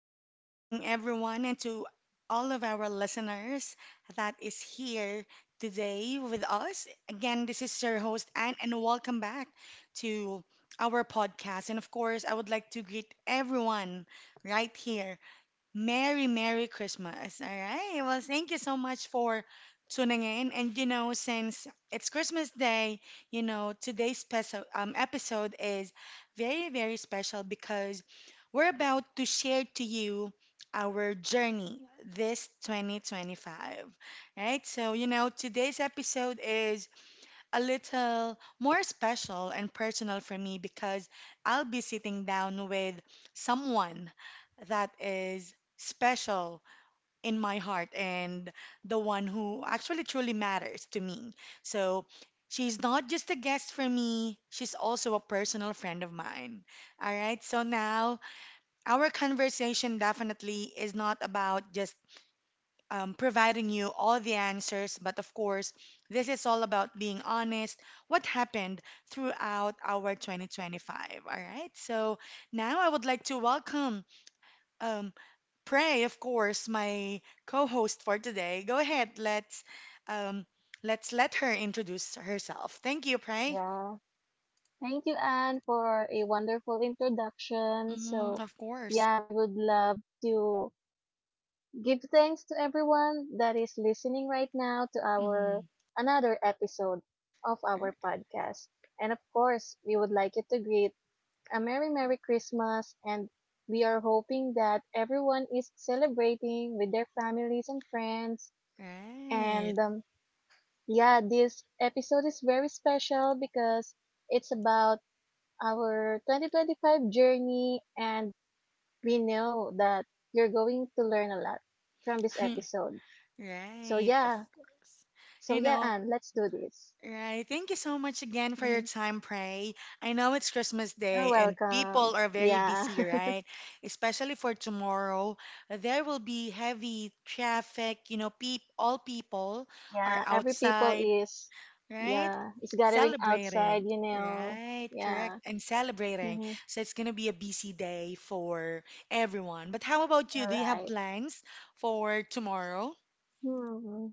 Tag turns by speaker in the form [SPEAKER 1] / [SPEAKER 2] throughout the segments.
[SPEAKER 1] good morning, everyone, and to all of our listeners that is here today with us. Again, this is your host, Anne, and welcome back to our podcast. And of course, I would like to greet everyone right here Merry, Merry Christmas. All right. Well, thank you so much for tuning in. And, since it's Christmas Day, today's special episode is very, very special because we're about to share to you our journey this 2025. Right? So, today's episode is a little more special and personal for me because I'll be sitting down with someone that is special in my heart and the one who actually truly matters to me. So she's not just a guest for me, she's also a personal friend of mine. All right, so now our conversation definitely is not about just providing you all the answers. But of course, this is all about being honest, what happened throughout our 2025. All right. So now I would like to welcome um, Prey, of course, my co-host for today. Go ahead. Um, let's let her introduce herself. Thank you, Prey.
[SPEAKER 2] Yeah. Thank you, Anne, for a wonderful introduction.
[SPEAKER 1] Mm,
[SPEAKER 2] So,
[SPEAKER 1] of course.
[SPEAKER 2] yeah, we would love to give thanks to everyone that is listening right now to our
[SPEAKER 1] Mm,
[SPEAKER 2] another episode of our podcast. And of course, we would like you to greet a Merry, Merry Christmas, and we are hoping that everyone is celebrating with their families and friends.
[SPEAKER 1] right.
[SPEAKER 2] And yeah, this episode is very special because it's about our 2025 journey, and we know that you're going to learn a lot from this episode. So,
[SPEAKER 1] Right. Of
[SPEAKER 2] yeah.
[SPEAKER 1] course.
[SPEAKER 2] So,
[SPEAKER 1] You
[SPEAKER 2] yeah,
[SPEAKER 1] know,
[SPEAKER 2] Anne, let's do this.
[SPEAKER 1] Right. Thank you so much again for your
[SPEAKER 2] Mhm.
[SPEAKER 1] time, Pray. I know it's Christmas
[SPEAKER 2] You're
[SPEAKER 1] Day and
[SPEAKER 2] welcome.
[SPEAKER 1] people are very
[SPEAKER 2] Yeah.
[SPEAKER 1] busy, right? Especially for tomorrow. There will be heavy traffic. You know, peop all people are
[SPEAKER 2] Yeah. Every people
[SPEAKER 1] outside,
[SPEAKER 2] is,
[SPEAKER 1] right?
[SPEAKER 2] yeah, is gathering outside,
[SPEAKER 1] Celebrating.
[SPEAKER 2] you know.
[SPEAKER 1] Right, correct.
[SPEAKER 2] Yeah.
[SPEAKER 1] And celebrating.
[SPEAKER 2] Hmm.
[SPEAKER 1] So it's gonna be a busy day for everyone. But how about you? Do
[SPEAKER 2] You're
[SPEAKER 1] you have
[SPEAKER 2] right.
[SPEAKER 1] plans for tomorrow
[SPEAKER 2] Hmm.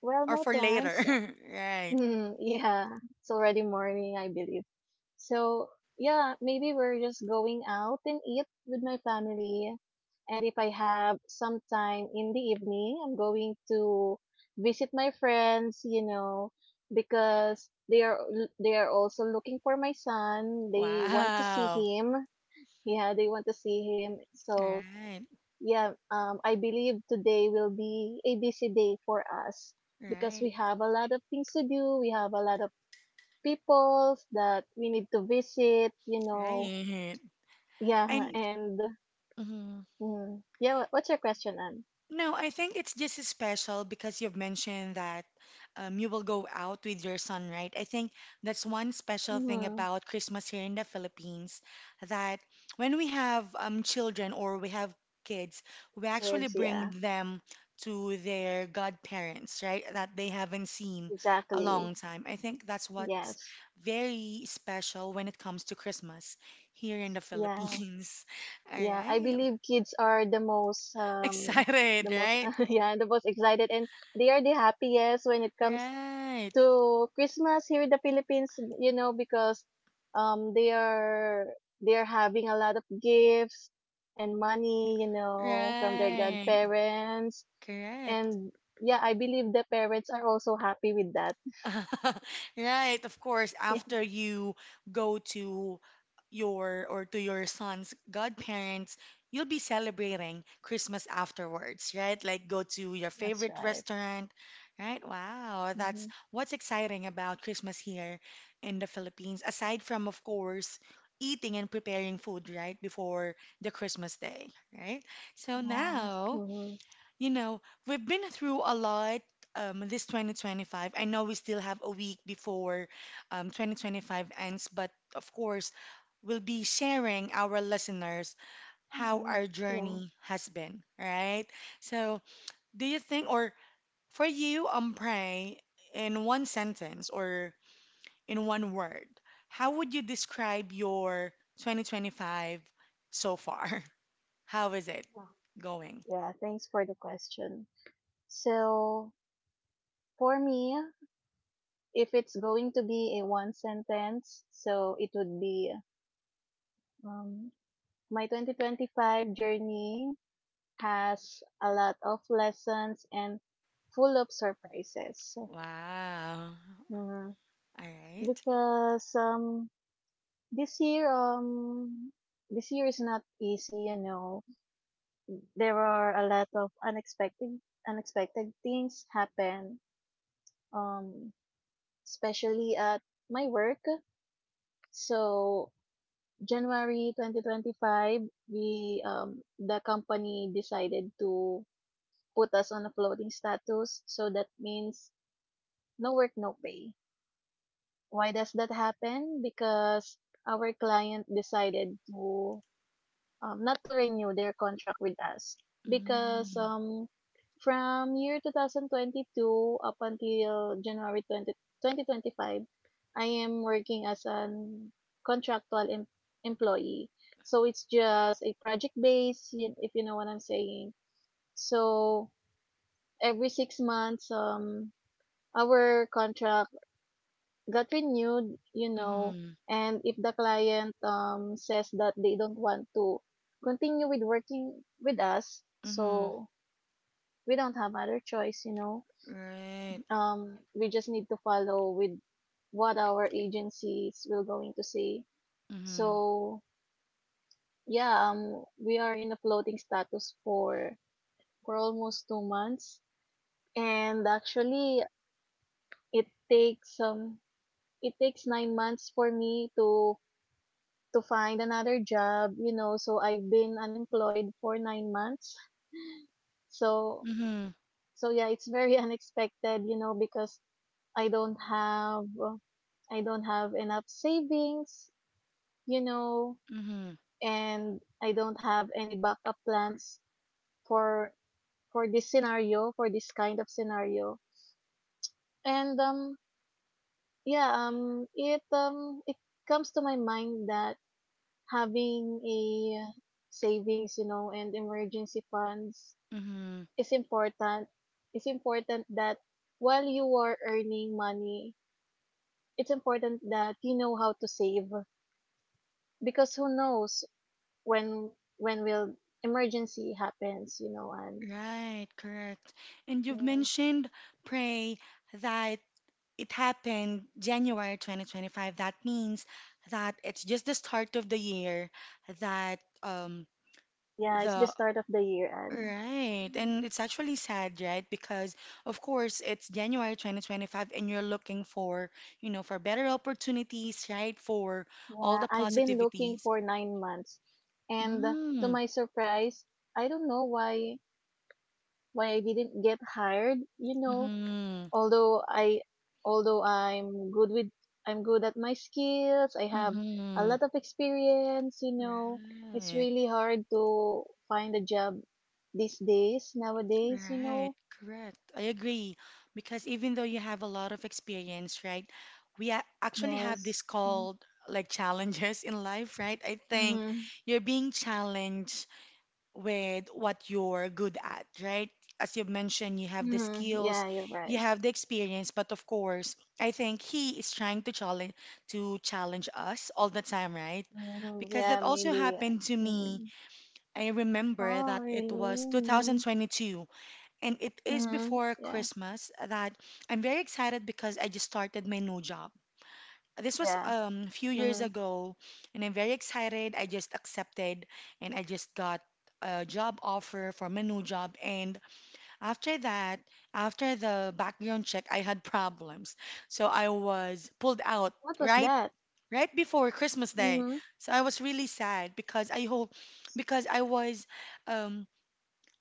[SPEAKER 2] Well,
[SPEAKER 1] or
[SPEAKER 2] my
[SPEAKER 1] for later?
[SPEAKER 2] plans.
[SPEAKER 1] Right.
[SPEAKER 2] Yeah. It's already morning, I believe. So, yeah, maybe we're just going out and eat with my family. And if I have some time in the evening, I'm going to visit my friends, you know, because they are also looking for my son. They want to see
[SPEAKER 1] Wow.
[SPEAKER 2] him. Yeah, they want to see him.
[SPEAKER 1] All
[SPEAKER 2] So,
[SPEAKER 1] right.
[SPEAKER 2] yeah, I believe today will be a busy day for us because
[SPEAKER 1] Right,
[SPEAKER 2] we have a lot of things to do. We have a lot of peoples that we need to visit, you know.
[SPEAKER 1] right.
[SPEAKER 2] Yeah,
[SPEAKER 1] And
[SPEAKER 2] and
[SPEAKER 1] mhm.
[SPEAKER 2] yeah, what's your question, Anne?
[SPEAKER 1] No, I think it's just special because you've mentioned that you will go out with your son, right? I think that's one special thing
[SPEAKER 2] Mm-hmm.
[SPEAKER 1] about Christmas here in the Philippines that when we have children or we have kids, we actually
[SPEAKER 2] Kids,
[SPEAKER 1] bring
[SPEAKER 2] yeah,
[SPEAKER 1] them to their godparents, right? That they haven't seen a
[SPEAKER 2] exactly.
[SPEAKER 1] long time. I think that's what's
[SPEAKER 2] Yes,
[SPEAKER 1] very special when it comes to Christmas here in the
[SPEAKER 2] yeah,
[SPEAKER 1] Philippines. All
[SPEAKER 2] yeah. I
[SPEAKER 1] right.
[SPEAKER 2] believe kids are the most
[SPEAKER 1] Excited,
[SPEAKER 2] the most
[SPEAKER 1] right?
[SPEAKER 2] yeah, the most excited, and they are the happiest when it comes
[SPEAKER 1] Right,
[SPEAKER 2] to Christmas here in the Philippines, you know, because um they are they are having a lot of gifts and money, you know, from their
[SPEAKER 1] right,
[SPEAKER 2] godparents.
[SPEAKER 1] correct.
[SPEAKER 2] And yeah, I believe the parents are also happy with that.
[SPEAKER 1] Right, of course,
[SPEAKER 2] Yeah,
[SPEAKER 1] after you go to your or to your son's godparents, you'll be celebrating Christmas afterwards, right? Like go to your
[SPEAKER 2] that's
[SPEAKER 1] favorite
[SPEAKER 2] right.
[SPEAKER 1] restaurant, right? Wow, that's
[SPEAKER 2] Mm-hmm.
[SPEAKER 1] what's exciting about Christmas here in the Philippines, aside from, of course, eating and preparing food, right, before the Christmas day, right? So
[SPEAKER 2] Yeah.
[SPEAKER 1] now,
[SPEAKER 2] Mm-hmm.
[SPEAKER 1] You know, we've been through a lot this 2025. I know we still have a week before 2025 ends, but of course, we'll be sharing our listeners how
[SPEAKER 2] Mm-hmm.
[SPEAKER 1] our
[SPEAKER 2] Yeah.
[SPEAKER 1] journey has been, right? So, do you think, or for you, Pray, in one sentence or in one word, how would you describe your 2025 so far? How is it
[SPEAKER 2] Yeah.
[SPEAKER 1] going?
[SPEAKER 2] Yeah. Thanks for the question. So for me, if it's going to be a one sentence, so it would be um, my 2025 journey has a lot of lessons and full of surprises.
[SPEAKER 1] Wow.
[SPEAKER 2] Mhm.
[SPEAKER 1] All right.
[SPEAKER 2] Because this year um this year is not easy, you know. There are a lot of unexpected things happen. Um Especially at my work. So January 2025, we the company decided to put us on a floating status. So that means no work, no pay. Why does that happen? Because our client decided to not to renew their contract with us because
[SPEAKER 1] Mm.
[SPEAKER 2] from year 2022 up until January 20, 2025, I am working as an contractual employee. So it's just a project base, if you know what I'm saying. So every 6 months, our contract got renewed, you know,
[SPEAKER 1] Mhm.
[SPEAKER 2] and if the client says that they don't want to continue with working with us,
[SPEAKER 1] Mhm.
[SPEAKER 2] so we don't have other choice, you know.
[SPEAKER 1] Right.
[SPEAKER 2] We just need to follow with what our agencies will going to say.
[SPEAKER 1] Mhm.
[SPEAKER 2] So yeah, we are in a floating status for almost 2 months. And actually it takes 9 months for me to find another job, you know, so I've been unemployed for 9 months. So
[SPEAKER 1] Mhm.
[SPEAKER 2] so yeah, it's very unexpected, you know, because I don't have uh, I don't have enough savings, you know,
[SPEAKER 1] Mhm.
[SPEAKER 2] and I don't have any backup plans for this scenario, for this kind of scenario. And yeah, it comes to my mind that having a savings, you know, and emergency funds
[SPEAKER 1] Mhm.
[SPEAKER 2] is important. It's important that while you are earning money, it's important that you know how to save, because who knows when will emergency happens, you know, and
[SPEAKER 1] Right. Correct. And you've
[SPEAKER 2] Mm,
[SPEAKER 1] mentioned pray that it happened January 2025. That means that it's just the start of the year that
[SPEAKER 2] yeah, it's the
[SPEAKER 1] the
[SPEAKER 2] start of the year, and
[SPEAKER 1] Right.
[SPEAKER 2] Mm.
[SPEAKER 1] And it's actually sad, right? Because of course it's January 2025 and you're looking for, you know, for better opportunities, right? For all
[SPEAKER 2] Yeah,
[SPEAKER 1] the
[SPEAKER 2] I've been looking
[SPEAKER 1] positivities.
[SPEAKER 2] for 9 months, and to
[SPEAKER 1] Mm.
[SPEAKER 2] my surprise, I don't know why I didn't get hired, you know,
[SPEAKER 1] Mm-hmm.
[SPEAKER 2] although I although I'm good with I'm good at my skills. I have a
[SPEAKER 1] Mm-hmm.
[SPEAKER 2] lot of experience, you know. It's
[SPEAKER 1] Right.
[SPEAKER 2] really hard to find a job these days nowadays, you
[SPEAKER 1] Right.
[SPEAKER 2] know.
[SPEAKER 1] Correct. I agree. Because even though you have a lot of experience, right? We actually have this
[SPEAKER 2] Yes. Mm.
[SPEAKER 1] called like challenges in life, right? I think
[SPEAKER 2] Mm-hmm.
[SPEAKER 1] you're being challenged with what you're good at, right? As you've mentioned, you have the
[SPEAKER 2] Mm-hmm.
[SPEAKER 1] skills,
[SPEAKER 2] Yeah, you're
[SPEAKER 1] you
[SPEAKER 2] right.
[SPEAKER 1] have the experience, but of course, I think he is trying to challenge us all the time, right?
[SPEAKER 2] Mm-hmm.
[SPEAKER 1] Because
[SPEAKER 2] Yeah,
[SPEAKER 1] that also
[SPEAKER 2] maybe.
[SPEAKER 1] happened to me.
[SPEAKER 2] Mm.
[SPEAKER 1] I remember that
[SPEAKER 2] Oh, really?
[SPEAKER 1] it was
[SPEAKER 2] Mm-hmm.
[SPEAKER 1] 2022, and it is
[SPEAKER 2] Mm-hmm.
[SPEAKER 1] before
[SPEAKER 2] Yeah.
[SPEAKER 1] Christmas that I'm very excited because I just started my new job this was
[SPEAKER 2] Yeah.
[SPEAKER 1] a few years
[SPEAKER 2] Mm-hmm.
[SPEAKER 1] ago, and I'm very excited. I just accepted and I just got a job offer for my new job. And after that, after the background check, I had problems. So I was pulled out
[SPEAKER 2] What was
[SPEAKER 1] right
[SPEAKER 2] that?
[SPEAKER 1] right before Christmas Day.
[SPEAKER 2] Mm-hmm.
[SPEAKER 1] So I was really sad because I hope because um,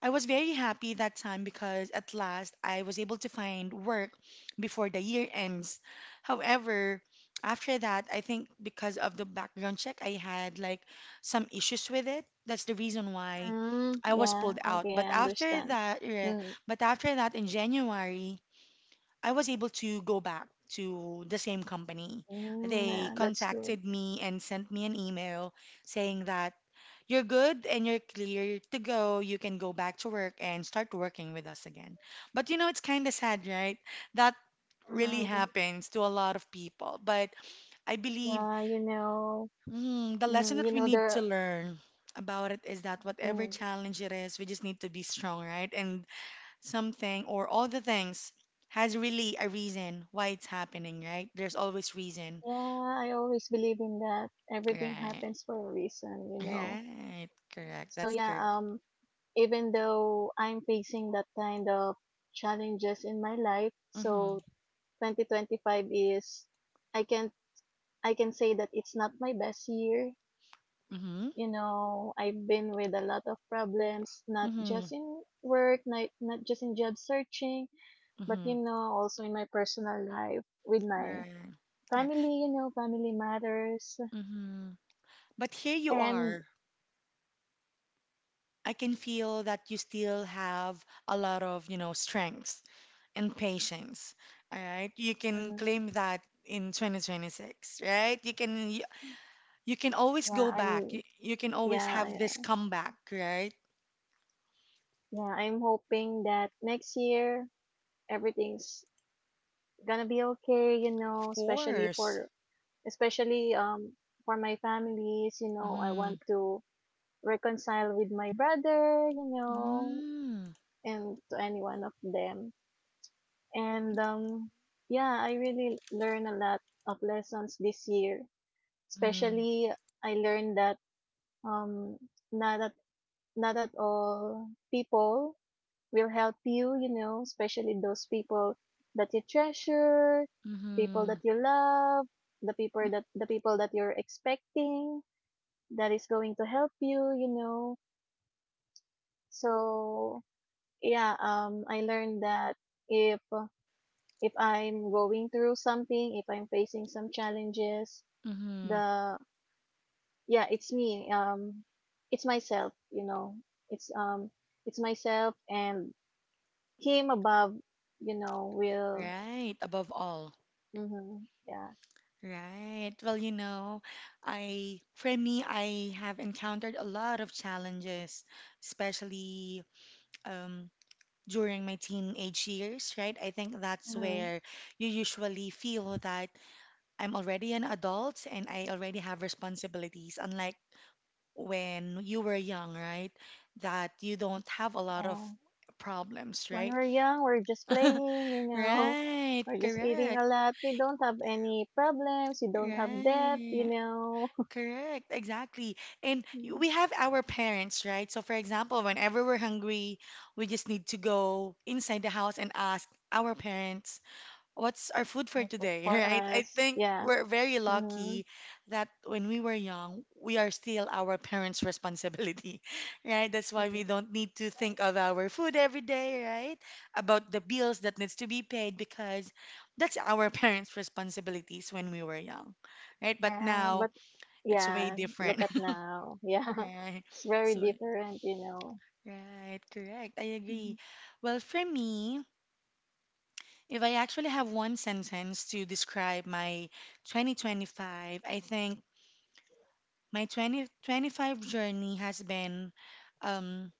[SPEAKER 1] I was very happy that time because at last I was able to find work before the year ends. However, after that, I think because of the background check, I had like some issues with it. That's the reason why I
[SPEAKER 2] Mm-hmm.
[SPEAKER 1] was
[SPEAKER 2] Yeah.
[SPEAKER 1] pulled out.
[SPEAKER 2] Okay,
[SPEAKER 1] But
[SPEAKER 2] I
[SPEAKER 1] after
[SPEAKER 2] understand.
[SPEAKER 1] that, yeah,
[SPEAKER 2] Mm.
[SPEAKER 1] but after that in January, I was able to go back to the same company.
[SPEAKER 2] Mm,
[SPEAKER 1] They
[SPEAKER 2] yeah, that's good.
[SPEAKER 1] contacted me and sent me an email saying that you're good and you're clear to go. You can go back to work and start working with us again. But you know, it's kind of sad, right? That really
[SPEAKER 2] Hmm.
[SPEAKER 1] happens to a lot of people. But I believe
[SPEAKER 2] Yeah, you know,
[SPEAKER 1] the lesson that
[SPEAKER 2] you
[SPEAKER 1] we
[SPEAKER 2] know
[SPEAKER 1] need to
[SPEAKER 2] there.
[SPEAKER 1] learn about it is that whatever
[SPEAKER 2] Mm,
[SPEAKER 1] challenge it is, we just need to be strong, right? And something or all the things has really a reason why it's happening, right? There's always reason.
[SPEAKER 2] yeah, I always believe in that. Everything
[SPEAKER 1] Right.
[SPEAKER 2] happens for a reason, you know.
[SPEAKER 1] Right. Correct.
[SPEAKER 2] So
[SPEAKER 1] That's
[SPEAKER 2] yeah,
[SPEAKER 1] correct.
[SPEAKER 2] even though I'm facing that kind of challenges in my life,
[SPEAKER 1] Mhm.
[SPEAKER 2] so 2025 is, I can I can say that it's not my best year,
[SPEAKER 1] Mhm.
[SPEAKER 2] you know. I've been with a lot of problems, not
[SPEAKER 1] Mhm.
[SPEAKER 2] just in work, not, not just in job searching, but you
[SPEAKER 1] Mhm.
[SPEAKER 2] know, also in my personal life with my
[SPEAKER 1] Right. Yeah.
[SPEAKER 2] family, you know, family matters.
[SPEAKER 1] Mhm. But here you
[SPEAKER 2] And
[SPEAKER 1] are. I can feel that you still have a lot of, you know, strength and patience. All right? You can
[SPEAKER 2] mhm,
[SPEAKER 1] claim that in 2026, right? You can always
[SPEAKER 2] yeah,
[SPEAKER 1] go back. You can always
[SPEAKER 2] yeah,
[SPEAKER 1] have this comeback, right?
[SPEAKER 2] yeah, I'm hoping that next year everything's gonna be okay, you
[SPEAKER 1] Of
[SPEAKER 2] know, especially
[SPEAKER 1] course.
[SPEAKER 2] for, especially, for my families, you know, I
[SPEAKER 1] Mm-hmm.
[SPEAKER 2] want to reconcile with my brother, you know,
[SPEAKER 1] Mm.
[SPEAKER 2] and to any one of them. And yeah, I really learned a lot of lessons this year.
[SPEAKER 1] Mm-hmm.
[SPEAKER 2] Especially, I learned that um, not at not at all people will help you. You know, especially those people that you treasure, people
[SPEAKER 1] Mm-hmm.
[SPEAKER 2] that you love, the people that you're expecting that is going to help you. You know, so yeah, I learned that if uh, if I'm going through something, if I'm facing some challenges,
[SPEAKER 1] Mm-hmm.
[SPEAKER 2] the yeah, it's me. It's myself. You know, it's um, it's myself and him above. You know, will.
[SPEAKER 1] Right. Above all.
[SPEAKER 2] Mm-hmm, yeah.
[SPEAKER 1] Right. Well, you know, I for me, I have encountered a lot of challenges, especially um during my teenage years, right? I think that's
[SPEAKER 2] Mm-hmm,
[SPEAKER 1] where you usually feel that I'm already an adult and I already have responsibilities, unlike when you were young, right? That you don't have a lot of
[SPEAKER 2] yeah.
[SPEAKER 1] problems,
[SPEAKER 2] When
[SPEAKER 1] right?
[SPEAKER 2] we're young, we're just playing. You know,
[SPEAKER 1] Right,
[SPEAKER 2] we're just eating
[SPEAKER 1] correct,
[SPEAKER 2] a lot. We don't have any problems. We don't have debt. You
[SPEAKER 1] right,
[SPEAKER 2] know,
[SPEAKER 1] correct, exactly. And
[SPEAKER 2] Mm.
[SPEAKER 1] we have our parents, right? So, for example, whenever we're hungry, we just need to go inside the house and ask our parents what's our food for today,
[SPEAKER 2] For
[SPEAKER 1] right? I
[SPEAKER 2] us,
[SPEAKER 1] think
[SPEAKER 2] yeah.
[SPEAKER 1] we're very
[SPEAKER 2] Mm-hmm.
[SPEAKER 1] lucky that when we were young, we are still our parents' responsibility, right? That's why we don't need to think of our food every day, right? About the bills that needs to be paid because that's our parents' responsibilities when we were young, right? But
[SPEAKER 2] Yeah,
[SPEAKER 1] now
[SPEAKER 2] but
[SPEAKER 1] it's way
[SPEAKER 2] Yeah, look
[SPEAKER 1] different,
[SPEAKER 2] at now. Yeah,
[SPEAKER 1] right?
[SPEAKER 2] it's very
[SPEAKER 1] So,
[SPEAKER 2] different, you know.
[SPEAKER 1] right, correct. I agree.
[SPEAKER 2] Mhm.
[SPEAKER 1] Well, for me, if I actually have one sentence to describe my 2025, I think my 2025 journey has been um,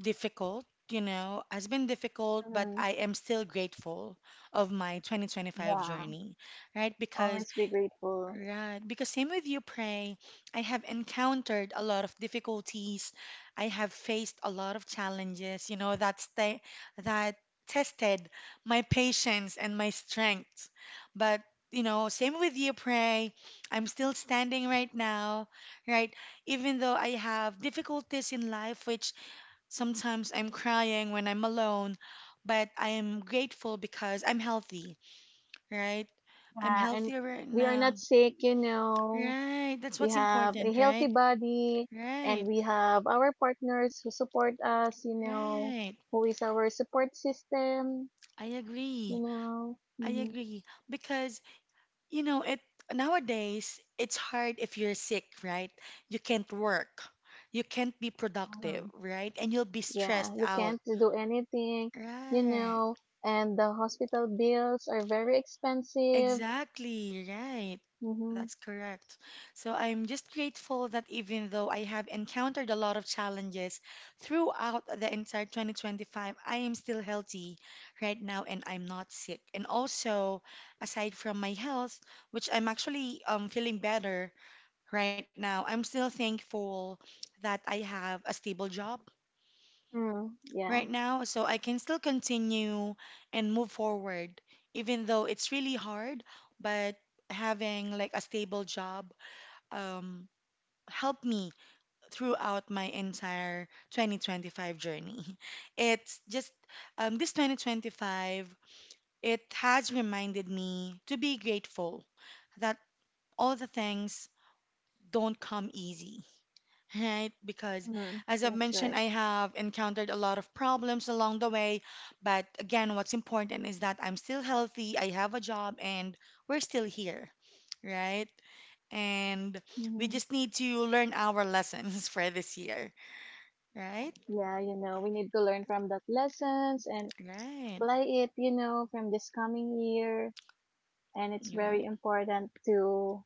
[SPEAKER 1] difficult, you know, has been difficult, but
[SPEAKER 2] Hmm.
[SPEAKER 1] I am still grateful of my 2025
[SPEAKER 2] Yeah,
[SPEAKER 1] journey, right? Because
[SPEAKER 2] always be grateful.
[SPEAKER 1] right, because same with you, Pray. I have encountered a lot of difficulties. I have faced a lot of challenges, you know, that tested my patience and my strength. But, you know, same with you, Pray. I'm still standing right now, right? Even though I have difficulties in life, which sometimes I'm crying when I'm alone, but I am grateful because I'm healthy, right? I'm
[SPEAKER 2] Yeah, and
[SPEAKER 1] healthy right
[SPEAKER 2] we are
[SPEAKER 1] now.
[SPEAKER 2] not sick, you know.
[SPEAKER 1] Right, that's
[SPEAKER 2] We
[SPEAKER 1] what's
[SPEAKER 2] have a
[SPEAKER 1] important,
[SPEAKER 2] healthy
[SPEAKER 1] right?
[SPEAKER 2] body, and
[SPEAKER 1] Right,
[SPEAKER 2] we have our partners who support us, you know,
[SPEAKER 1] right.
[SPEAKER 2] who is our support system,
[SPEAKER 1] I
[SPEAKER 2] you
[SPEAKER 1] agree.
[SPEAKER 2] know.
[SPEAKER 1] I
[SPEAKER 2] Hmm.
[SPEAKER 1] agree. Because, you know, it nowadays it's hard if you're sick, right? You can't work. You can't be productive,
[SPEAKER 2] Hmm.
[SPEAKER 1] right? And you'll be
[SPEAKER 2] Yeah,
[SPEAKER 1] stressed
[SPEAKER 2] you
[SPEAKER 1] out.
[SPEAKER 2] can't do anything, you
[SPEAKER 1] Right.
[SPEAKER 2] know, and the hospital bills are very expensive.
[SPEAKER 1] Exactly, right.
[SPEAKER 2] Hmm.
[SPEAKER 1] That's correct. So I'm just grateful that even though I have encountered a lot of challenges throughout the entire 2025, I am still healthy right now and I'm not sick. And also, aside from my health, which I'm actually feeling better right now, I'm still thankful that I have a stable job
[SPEAKER 2] Mm, yeah.
[SPEAKER 1] right now so I can still continue and move forward, even though it's really hard, but having like a stable job um, helped me throughout my entire 2025 journey. It's just this 2025, it has reminded me to be grateful that all the things don't come easy. Right, because
[SPEAKER 2] Mm,
[SPEAKER 1] as I've
[SPEAKER 2] that's right.
[SPEAKER 1] mentioned, I have encountered a lot of problems along the way. But again, what's important is that I'm still healthy, I have a job, and we're still here, right? And we
[SPEAKER 2] Hmm.
[SPEAKER 1] just need to learn our lessons for this year, right?
[SPEAKER 2] Yeah, you know, we need to learn from that lessons and
[SPEAKER 1] Right.
[SPEAKER 2] apply it, you know, from this coming year. And it's
[SPEAKER 1] Yeah.
[SPEAKER 2] very important to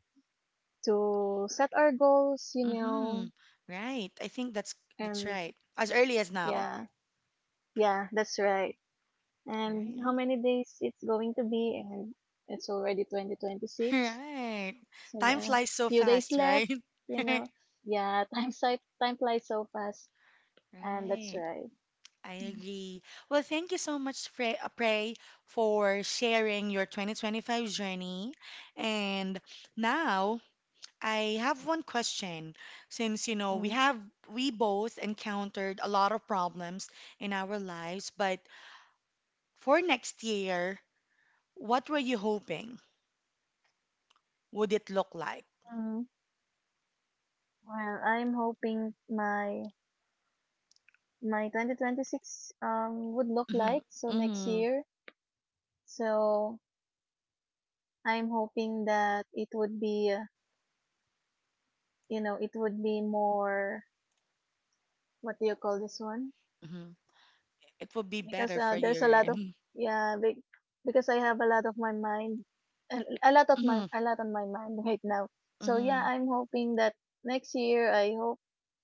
[SPEAKER 2] set our goals, you
[SPEAKER 1] Mm-hmm.
[SPEAKER 2] know.
[SPEAKER 1] Right. I think that's
[SPEAKER 2] And
[SPEAKER 1] right. As early as now.
[SPEAKER 2] yeah, yeah, that's right. And
[SPEAKER 1] Right.
[SPEAKER 2] how many days it's going to be, and it's already 2026.
[SPEAKER 1] Right.
[SPEAKER 2] So
[SPEAKER 1] Time
[SPEAKER 2] yeah,
[SPEAKER 1] flies so
[SPEAKER 2] few days
[SPEAKER 1] fast,
[SPEAKER 2] left,
[SPEAKER 1] right?
[SPEAKER 2] you know. Yeah, time time flies so fast, and that's
[SPEAKER 1] Right.
[SPEAKER 2] right.
[SPEAKER 1] I agree. Well, thank you so much, Prey, for sharing your 2025 journey. And now I have one question. Since, you know, we
[SPEAKER 2] Mm.
[SPEAKER 1] have, we both encountered a lot of problems in our lives, but for next year, what were you hoping would it look like?
[SPEAKER 2] Mm, well, I'm hoping my 2026 would look
[SPEAKER 1] Hmm.
[SPEAKER 2] like so next
[SPEAKER 1] Hmm.
[SPEAKER 2] year. So I'm hoping that it would be it would be more, what do you call this one?
[SPEAKER 1] Hmm. It would be
[SPEAKER 2] Because
[SPEAKER 1] better for
[SPEAKER 2] there's
[SPEAKER 1] you,
[SPEAKER 2] a lot
[SPEAKER 1] right?
[SPEAKER 2] of yeah be, because I have a lot of my mind, a a lot of my
[SPEAKER 1] Mm-hmm,
[SPEAKER 2] a lot on my mind right now. So yeah,
[SPEAKER 1] mm-hmm,
[SPEAKER 2] I'm hoping that next year I hope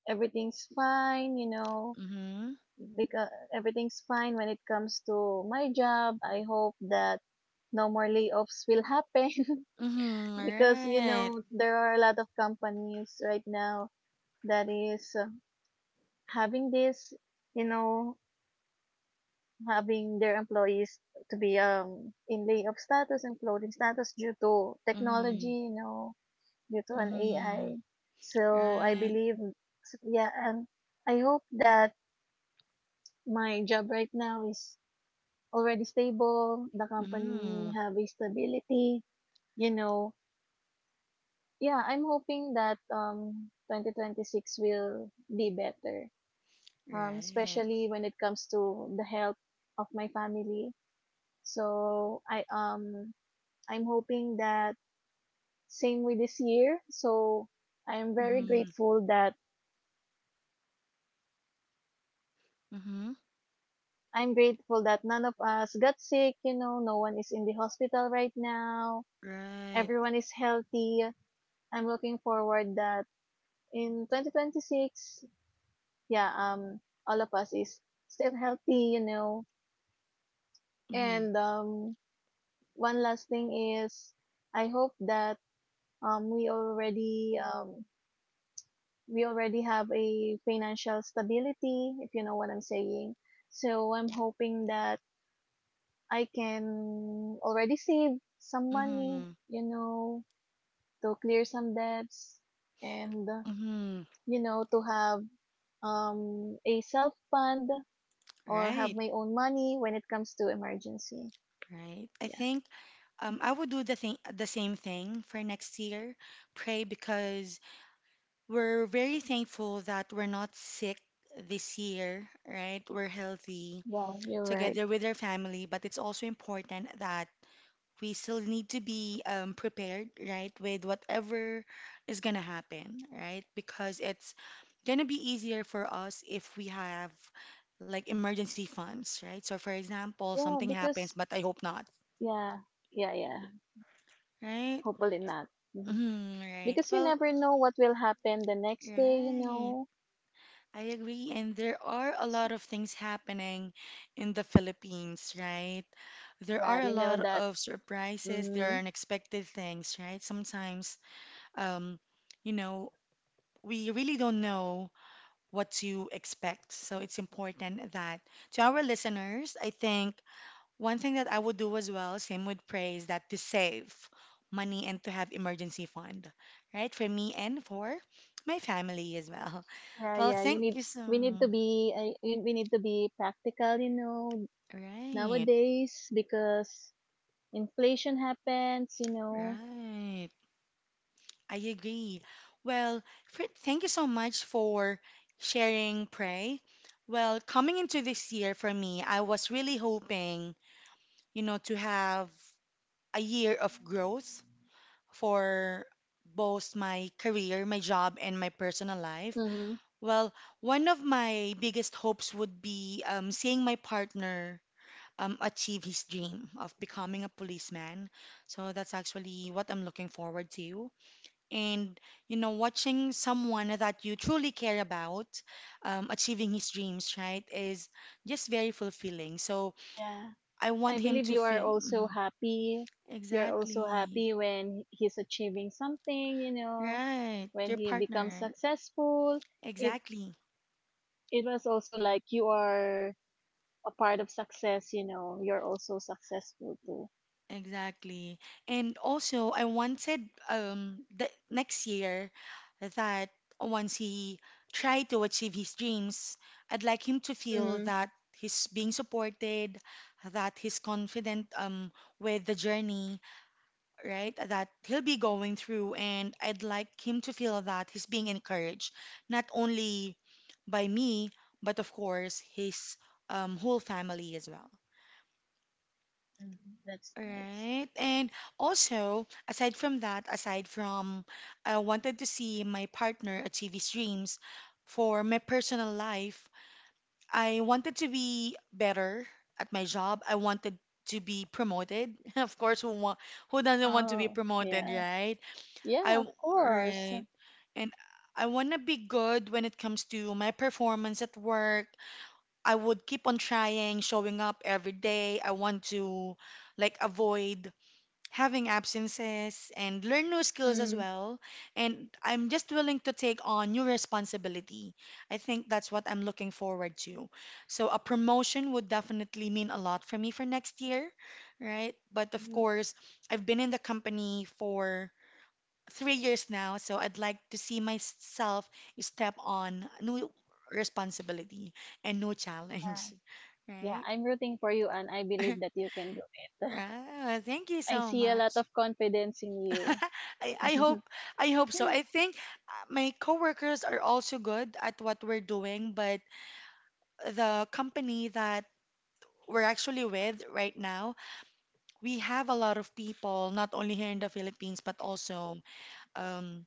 [SPEAKER 2] everything's fine. You know,
[SPEAKER 1] mm-hmm,
[SPEAKER 2] because everything's fine when it comes to my job. I hope that no more layoffs will happen,
[SPEAKER 1] mm-hmm, all
[SPEAKER 2] because you
[SPEAKER 1] right.
[SPEAKER 2] know there are a lot of companies right now that is having this, you know, having their employees to be in layoff status and floating status due to
[SPEAKER 1] Mm-hmm,
[SPEAKER 2] technology, you know, due to an
[SPEAKER 1] mm-hmm.
[SPEAKER 2] AI. So I
[SPEAKER 1] Right.
[SPEAKER 2] believe, so yeah, and I hope that my job right now is already stable, the company
[SPEAKER 1] Mm.
[SPEAKER 2] have a stability, you know. Yeah, I'm hoping that 2026 will be better.
[SPEAKER 1] Right.
[SPEAKER 2] Especially when it comes to the health of my family. So I I'm hoping that same with this year. So I'm very
[SPEAKER 1] Mm-hmm.
[SPEAKER 2] grateful that
[SPEAKER 1] Mm-hmm.
[SPEAKER 2] I'm grateful that none of us got sick, you know, no one is in the hospital right now.
[SPEAKER 1] Right.
[SPEAKER 2] Everyone is healthy. I'm looking forward that in 2026, yeah, all of us is still healthy, you know,
[SPEAKER 1] Mm-hmm.
[SPEAKER 2] and one last thing is, I hope that um we already um we already have a financial stability, if you know what I'm saying. So I'm hoping that I can already save some money,
[SPEAKER 1] Mm-hmm.
[SPEAKER 2] you know, to clear some debts, and
[SPEAKER 1] Mm-hmm.
[SPEAKER 2] you know, to have a self fund or have
[SPEAKER 1] Right.
[SPEAKER 2] my own money when it comes to emergency.
[SPEAKER 1] Right. I
[SPEAKER 2] Yeah.
[SPEAKER 1] think I would do the same thing for next year. Pray because we're very thankful that we're not sick this year, right? We're healthy
[SPEAKER 2] Yeah. You're right.
[SPEAKER 1] together with our family, but it's also important that we still need to be prepared, right, with whatever is gonna happen, right? Because it's gonna be easier for us if we have like emergency funds, right? So, for example,
[SPEAKER 2] Yeah,
[SPEAKER 1] something happens,
[SPEAKER 2] because
[SPEAKER 1] but I hope not,
[SPEAKER 2] yeah, yeah, yeah.
[SPEAKER 1] right?
[SPEAKER 2] Hopefully not. Mhm.
[SPEAKER 1] Mhm, right.
[SPEAKER 2] Because you
[SPEAKER 1] Well,
[SPEAKER 2] never know what will happen the next day. You
[SPEAKER 1] right.
[SPEAKER 2] know.
[SPEAKER 1] I agree. And there are a
[SPEAKER 2] S-
[SPEAKER 1] lot of things happening in the Philippines, right? There
[SPEAKER 2] Yeah,
[SPEAKER 1] are a
[SPEAKER 2] you know
[SPEAKER 1] lot
[SPEAKER 2] that.
[SPEAKER 1] of surprises. There
[SPEAKER 2] Hmm.
[SPEAKER 1] are unexpected things, right? Sometimes, um, you know, we really don't know what to expect. So it's important that to our listeners, I think one thing that I would do as well, same with praise, that to save money and to have emergency fund, right? For me and for my family as well.
[SPEAKER 2] Yeah,
[SPEAKER 1] Well,
[SPEAKER 2] yeah. You
[SPEAKER 1] thank
[SPEAKER 2] need.
[SPEAKER 1] you so.
[SPEAKER 2] We need to be. We need to be practical. You know,
[SPEAKER 1] Right,
[SPEAKER 2] nowadays, because inflation happens. You know.
[SPEAKER 1] right. I agree. Well, thank you so much for sharing, Pray. Well, coming into this year for me, I was really hoping, you know, to have a year of growth for both my career, my job, and my personal life.
[SPEAKER 2] Mm-hmm.
[SPEAKER 1] Well, one of my biggest hopes would be seeing my partner achieve his dream of becoming a policeman. So that's actually what I'm looking forward to. And, you know, watching someone that you truly care about achieving his dreams, right, is just very fulfilling. So
[SPEAKER 2] Yeah.
[SPEAKER 1] I
[SPEAKER 2] I
[SPEAKER 1] want him
[SPEAKER 2] believe
[SPEAKER 1] to
[SPEAKER 2] you are
[SPEAKER 1] feel.
[SPEAKER 2] also
[SPEAKER 1] Mm-hmm.
[SPEAKER 2] happy. You're also
[SPEAKER 1] Exactly.
[SPEAKER 2] happy when he's achieving something, you know,
[SPEAKER 1] Right.
[SPEAKER 2] when
[SPEAKER 1] Your
[SPEAKER 2] he becomes
[SPEAKER 1] partner.
[SPEAKER 2] successful. It
[SPEAKER 1] Exactly.
[SPEAKER 2] it was also like you are a part of success, you know. You're also successful too.
[SPEAKER 1] Exactly. And also, I wanted the next year that once he try to achieve his dreams, I'd like him to feel
[SPEAKER 2] Mhm.
[SPEAKER 1] that he's being supported, that he's confident with the journey, right? That he'll be going through, and I'd like him to feel that he's being encouraged, not only by me, but of course his whole family as well.
[SPEAKER 2] Mhm. That's
[SPEAKER 1] All
[SPEAKER 2] nice.
[SPEAKER 1] right. And also, aside from that, aside from, I wanted to see my partner achieve his dreams. For my personal life, I wanted to be better at my job. I wanted to be promoted. Of course, who doesn't want to be
[SPEAKER 2] Oh,
[SPEAKER 1] promoted,
[SPEAKER 2] yeah.
[SPEAKER 1] right? I,
[SPEAKER 2] Yeah, of course.
[SPEAKER 1] right. And I want to be good when it comes to my performance at work. I would keep on trying, showing up every day. I want to like avoid having absences and learn new skills as
[SPEAKER 2] Mm.
[SPEAKER 1] well. And I'm just willing to take on new responsibility. I think that's what I'm looking forward to. So a promotion would definitely mean a lot for me for next year, right? But of
[SPEAKER 2] Mhm.
[SPEAKER 1] course, I've been in the company for 3 years now, so I'd like to see myself step on new responsibility and new
[SPEAKER 2] Yeah.
[SPEAKER 1] challenge,
[SPEAKER 2] Yeah,
[SPEAKER 1] right?
[SPEAKER 2] I'm rooting for you, and I believe that you can do it.
[SPEAKER 1] Right. Thank you
[SPEAKER 2] I
[SPEAKER 1] so
[SPEAKER 2] see a lot
[SPEAKER 1] much.
[SPEAKER 2] of confidence in you.
[SPEAKER 1] I hope,
[SPEAKER 2] The
[SPEAKER 1] I hope so. I think my coworkers are also good at what we're doing, but the company that we're actually with right now, we have a lot of people, not only here in the Philippines, but also um,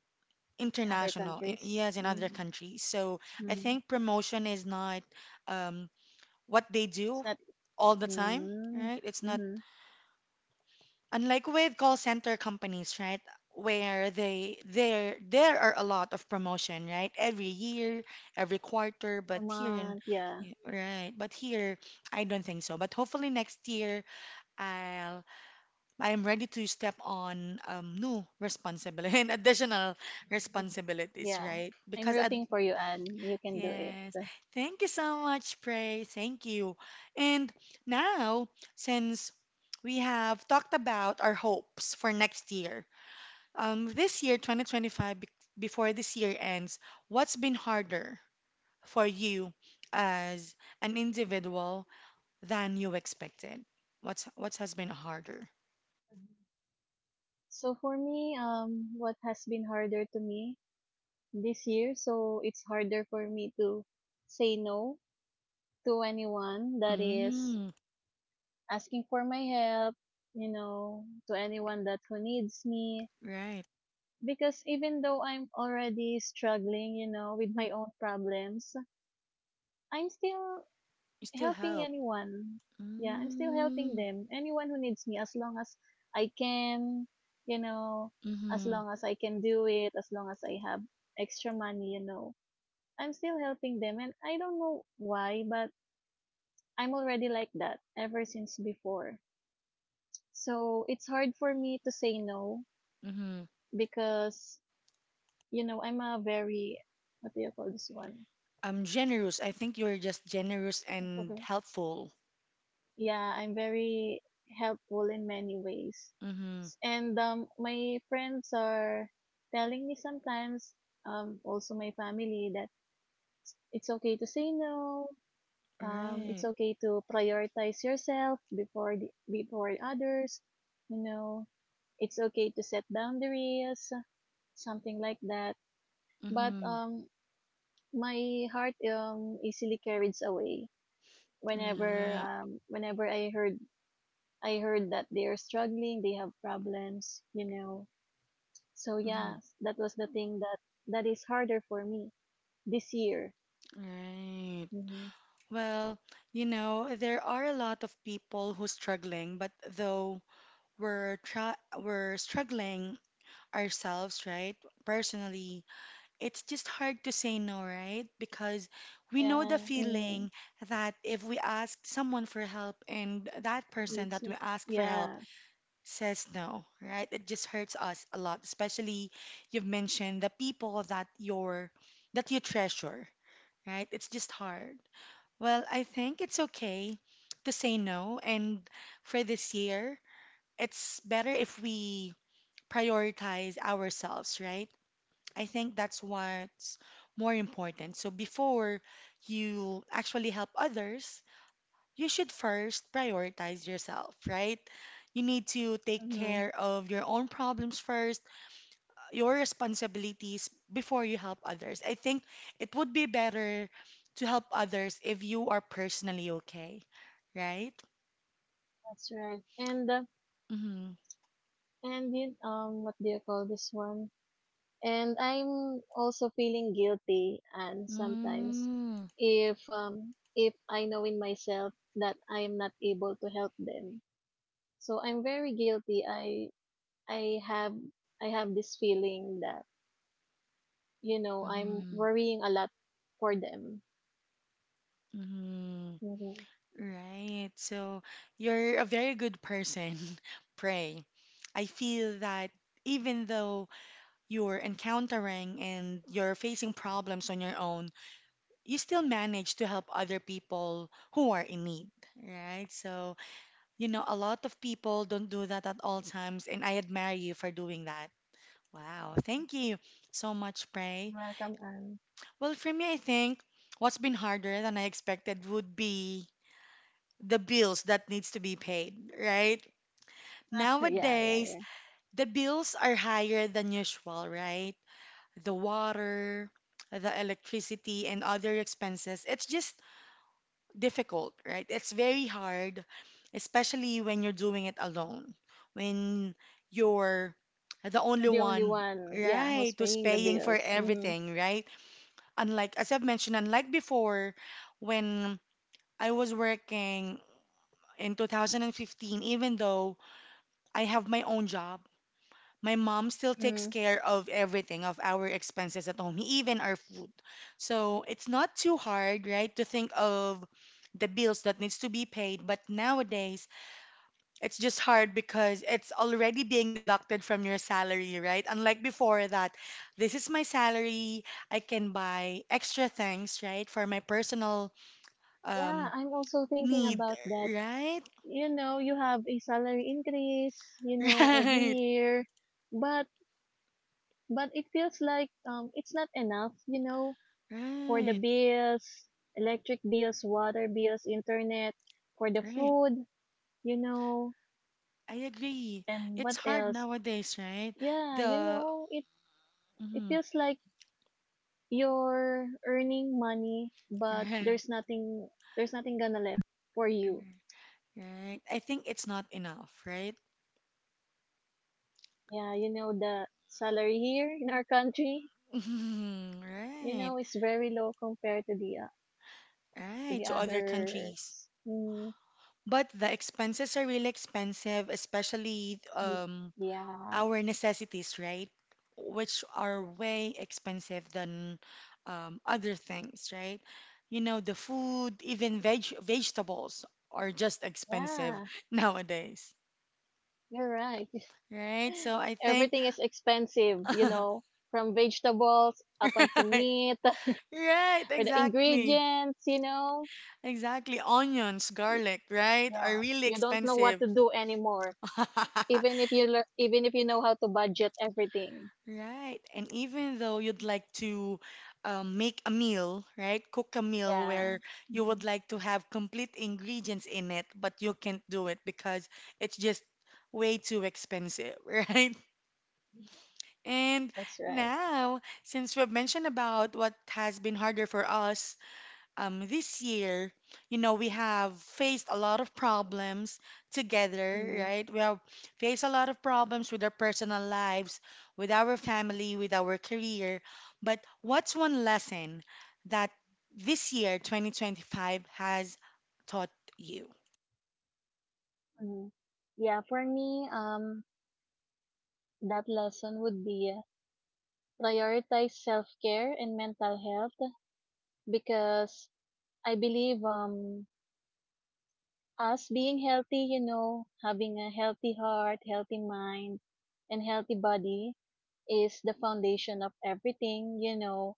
[SPEAKER 2] other
[SPEAKER 1] international
[SPEAKER 2] countries.
[SPEAKER 1] yes in other
[SPEAKER 2] Mm.
[SPEAKER 1] countries. So I
[SPEAKER 2] Mhm.
[SPEAKER 1] think promotion is not um, what they do
[SPEAKER 2] It's not.
[SPEAKER 1] all the time,
[SPEAKER 2] Mm,
[SPEAKER 1] right? It's not
[SPEAKER 2] mhm.
[SPEAKER 1] unlike with call center companies, right, where they there there are a lot of promotion right every year, every quarter,
[SPEAKER 2] A
[SPEAKER 1] but here in,
[SPEAKER 2] month, yeah.
[SPEAKER 1] right, but here I don't think so. But hopefully next year i'll I'm ready to step on new responsibility and additional
[SPEAKER 2] Mhm.
[SPEAKER 1] responsibilities,
[SPEAKER 2] Yeah.
[SPEAKER 1] right?
[SPEAKER 2] I'm
[SPEAKER 1] Because at,
[SPEAKER 2] rooting for you, Anne. You can do it.
[SPEAKER 1] yes. Thank you so much, Pray. Thank you. And now, since we have talked about our hopes for next year, this year, 2025, before this year ends, what's been harder for you as an individual than you expected? What has been harder?
[SPEAKER 2] So for me, what has been harder to me this year, so it's harder for me to say no to anyone that is
[SPEAKER 1] Mm,
[SPEAKER 2] asking for my help, to anyone that who needs me.
[SPEAKER 1] right.
[SPEAKER 2] Because even though I'm already struggling, with my own problems, I'm still
[SPEAKER 1] You still
[SPEAKER 2] helping
[SPEAKER 1] help.
[SPEAKER 2] anyone. Yeah, I'm still helping
[SPEAKER 1] Mm,
[SPEAKER 2] them. Anyone who needs me, as long as I can, you know, as
[SPEAKER 1] mm-hmm,
[SPEAKER 2] long as I can do it, as long as I have extra money, I'm still helping them. And I don't know why, but I'm already like that ever since before. So it's hard for me to say no
[SPEAKER 1] mm-hmm.
[SPEAKER 2] because, I'm a very, what do you call this one?
[SPEAKER 1] I'm generous. I think you're just generous and helpful.
[SPEAKER 2] Yeah, I'm very helpful in many ways.
[SPEAKER 1] Mm-hmm.
[SPEAKER 2] And my friends are telling me sometimes, also my family, that it's okay to say no. It's
[SPEAKER 1] Right.
[SPEAKER 2] okay to prioritize yourself before before others. You know, it's okay to set boundaries, something like that. But
[SPEAKER 1] Mm-hmm.
[SPEAKER 2] um, my heart easily carries away whenever
[SPEAKER 1] Right.
[SPEAKER 2] whenever I heard that they are struggling, they have problems. So yeah,
[SPEAKER 1] Mm-hmm.
[SPEAKER 2] that was the thing that is harder for me this year.
[SPEAKER 1] Right.
[SPEAKER 2] Hmm.
[SPEAKER 1] Well, you know, there are a lot of people who's struggling, but though we're try we're struggling ourselves, right? Personally, it's just hard to say no, right? Because we know the
[SPEAKER 2] Yeah,
[SPEAKER 1] feeling that if we ask someone for help and that
[SPEAKER 2] and
[SPEAKER 1] person
[SPEAKER 2] it's
[SPEAKER 1] that
[SPEAKER 2] not.
[SPEAKER 1] we ask for help
[SPEAKER 2] Yeah.
[SPEAKER 1] says no, right? It just hurts us a lot, especially you've mentioned the people that you're that you treasure, right? It's just hard. Well, I think it's okay to say no, and for this year, it's better if we prioritize ourselves, right? I think that's what's more important. So before you actually help others, you should first prioritize yourself, right? You need to take
[SPEAKER 2] hmm
[SPEAKER 1] care of your own problems first, your responsibilities before you help others. I think it would be better to help others if you are personally okay, right?
[SPEAKER 2] that's right. And uh,
[SPEAKER 1] Mm-hmm.
[SPEAKER 2] and you, what do you call this one? And I'm also feeling guilty, and sometimes
[SPEAKER 1] Mm.
[SPEAKER 2] if I know in myself that I am not able to help them, so I'm very
[SPEAKER 1] Oh.
[SPEAKER 2] guilty. I have I have this feeling that I'm
[SPEAKER 1] Mm-hmm.
[SPEAKER 2] worrying a lot for them.
[SPEAKER 1] Mm-hmm.
[SPEAKER 2] Hmm.
[SPEAKER 1] Right. So you're a very good person. Pray. I feel that even though you're encountering and you're facing problems on your own, you still manage to help other people who are in need, right? So, you know, a lot of people don't do that at all times, and I admire you for doing that. Wow, thank you so much, Pray.
[SPEAKER 2] You're welcome, Anne.
[SPEAKER 1] Well, for me, I think what's been harder than I expected would be the bills that needs to be paid, right?
[SPEAKER 2] Yeah, yeah,
[SPEAKER 1] Nowadays,
[SPEAKER 2] yeah.
[SPEAKER 1] the bills are higher than usual, right? The water, the electricity, and other expenses, it's just difficult, right? It's very hard, especially when you're doing it alone, when you're the only
[SPEAKER 2] You're the only
[SPEAKER 1] one,
[SPEAKER 2] one, yeah,
[SPEAKER 1] right,
[SPEAKER 2] who's
[SPEAKER 1] who's
[SPEAKER 2] paying the
[SPEAKER 1] paying for
[SPEAKER 2] bills. Hmm.
[SPEAKER 1] everything, right? Unlike, as I've mentioned, unlike before, when I was working in 2015, even though I have my own job, my mom still takes
[SPEAKER 2] Hmm.
[SPEAKER 1] care of everything of our expenses at home, even our food. So it's not too hard, right, to think of the bills that needs to be paid, but nowadays it's just hard because it's already being deducted from your salary, right? Unlike before that this is my salary, I can buy extra things, right, for my personal
[SPEAKER 2] Yeah,
[SPEAKER 1] um
[SPEAKER 2] I'm also thinking
[SPEAKER 1] need,
[SPEAKER 2] about that.
[SPEAKER 1] right?
[SPEAKER 2] You have a salary increase, every year, but but it feels like it's not enough,
[SPEAKER 1] Right.
[SPEAKER 2] for the
[SPEAKER 1] Right.
[SPEAKER 2] bills, electric bills, water bills, internet, for the
[SPEAKER 1] Right.
[SPEAKER 2] food, you know
[SPEAKER 1] I agree.
[SPEAKER 2] And
[SPEAKER 1] It's
[SPEAKER 2] what
[SPEAKER 1] hard
[SPEAKER 2] else?
[SPEAKER 1] nowadays, right?
[SPEAKER 2] Yeah,
[SPEAKER 1] The
[SPEAKER 2] it
[SPEAKER 1] mhm,
[SPEAKER 2] feels like you're earning money, but
[SPEAKER 1] right,
[SPEAKER 2] there's nothing gonna left for you.
[SPEAKER 1] right. I think it's not enough, right?
[SPEAKER 2] Yeah, you know the salary here in our country,
[SPEAKER 1] Mhm, right,
[SPEAKER 2] is very low compared to the uh, to
[SPEAKER 1] right.
[SPEAKER 2] the
[SPEAKER 1] To other countries,
[SPEAKER 2] others. Mm,
[SPEAKER 1] but the expenses are really expensive, especially
[SPEAKER 2] y- yeah,
[SPEAKER 1] our necessities, right? Which are way expensive than other things, right? You know, the food, even vegetables are just expensive
[SPEAKER 2] yeah,
[SPEAKER 1] nowadays.
[SPEAKER 2] you're right.
[SPEAKER 1] Right. So I think,
[SPEAKER 2] Everything is expensive, from vegetables up unto
[SPEAKER 1] right,
[SPEAKER 2] meat
[SPEAKER 1] right,
[SPEAKER 2] or the
[SPEAKER 1] exactly,
[SPEAKER 2] ingredients.
[SPEAKER 1] exactly. Onions, garlic, right, are
[SPEAKER 2] Yeah,
[SPEAKER 1] really
[SPEAKER 2] you don't know what
[SPEAKER 1] expensive.
[SPEAKER 2] to do anymore. Even if you learn, even if you know how to budget everything.
[SPEAKER 1] Right. And even though you'd like to make a meal, right, cook a meal
[SPEAKER 2] Yeah.
[SPEAKER 1] where you would
[SPEAKER 2] hmm
[SPEAKER 1] like to have complete ingredients in it, but you can't do it because it's just way too expensive, right? And
[SPEAKER 2] that's right.
[SPEAKER 1] now, since we've mentioned about what has been harder for us this year, you know, we have faced a lot of problems together,
[SPEAKER 2] Hmm.
[SPEAKER 1] right? We have faced a lot of problems with our personal lives, with our family, with our career. But what's one lesson that this year, 2025, has taught you?
[SPEAKER 2] Hmm. Yeah, for me, that lesson would be prioritize self care and mental health because I believe us being healthy, having a healthy heart, healthy mind, and healthy body is the foundation of everything.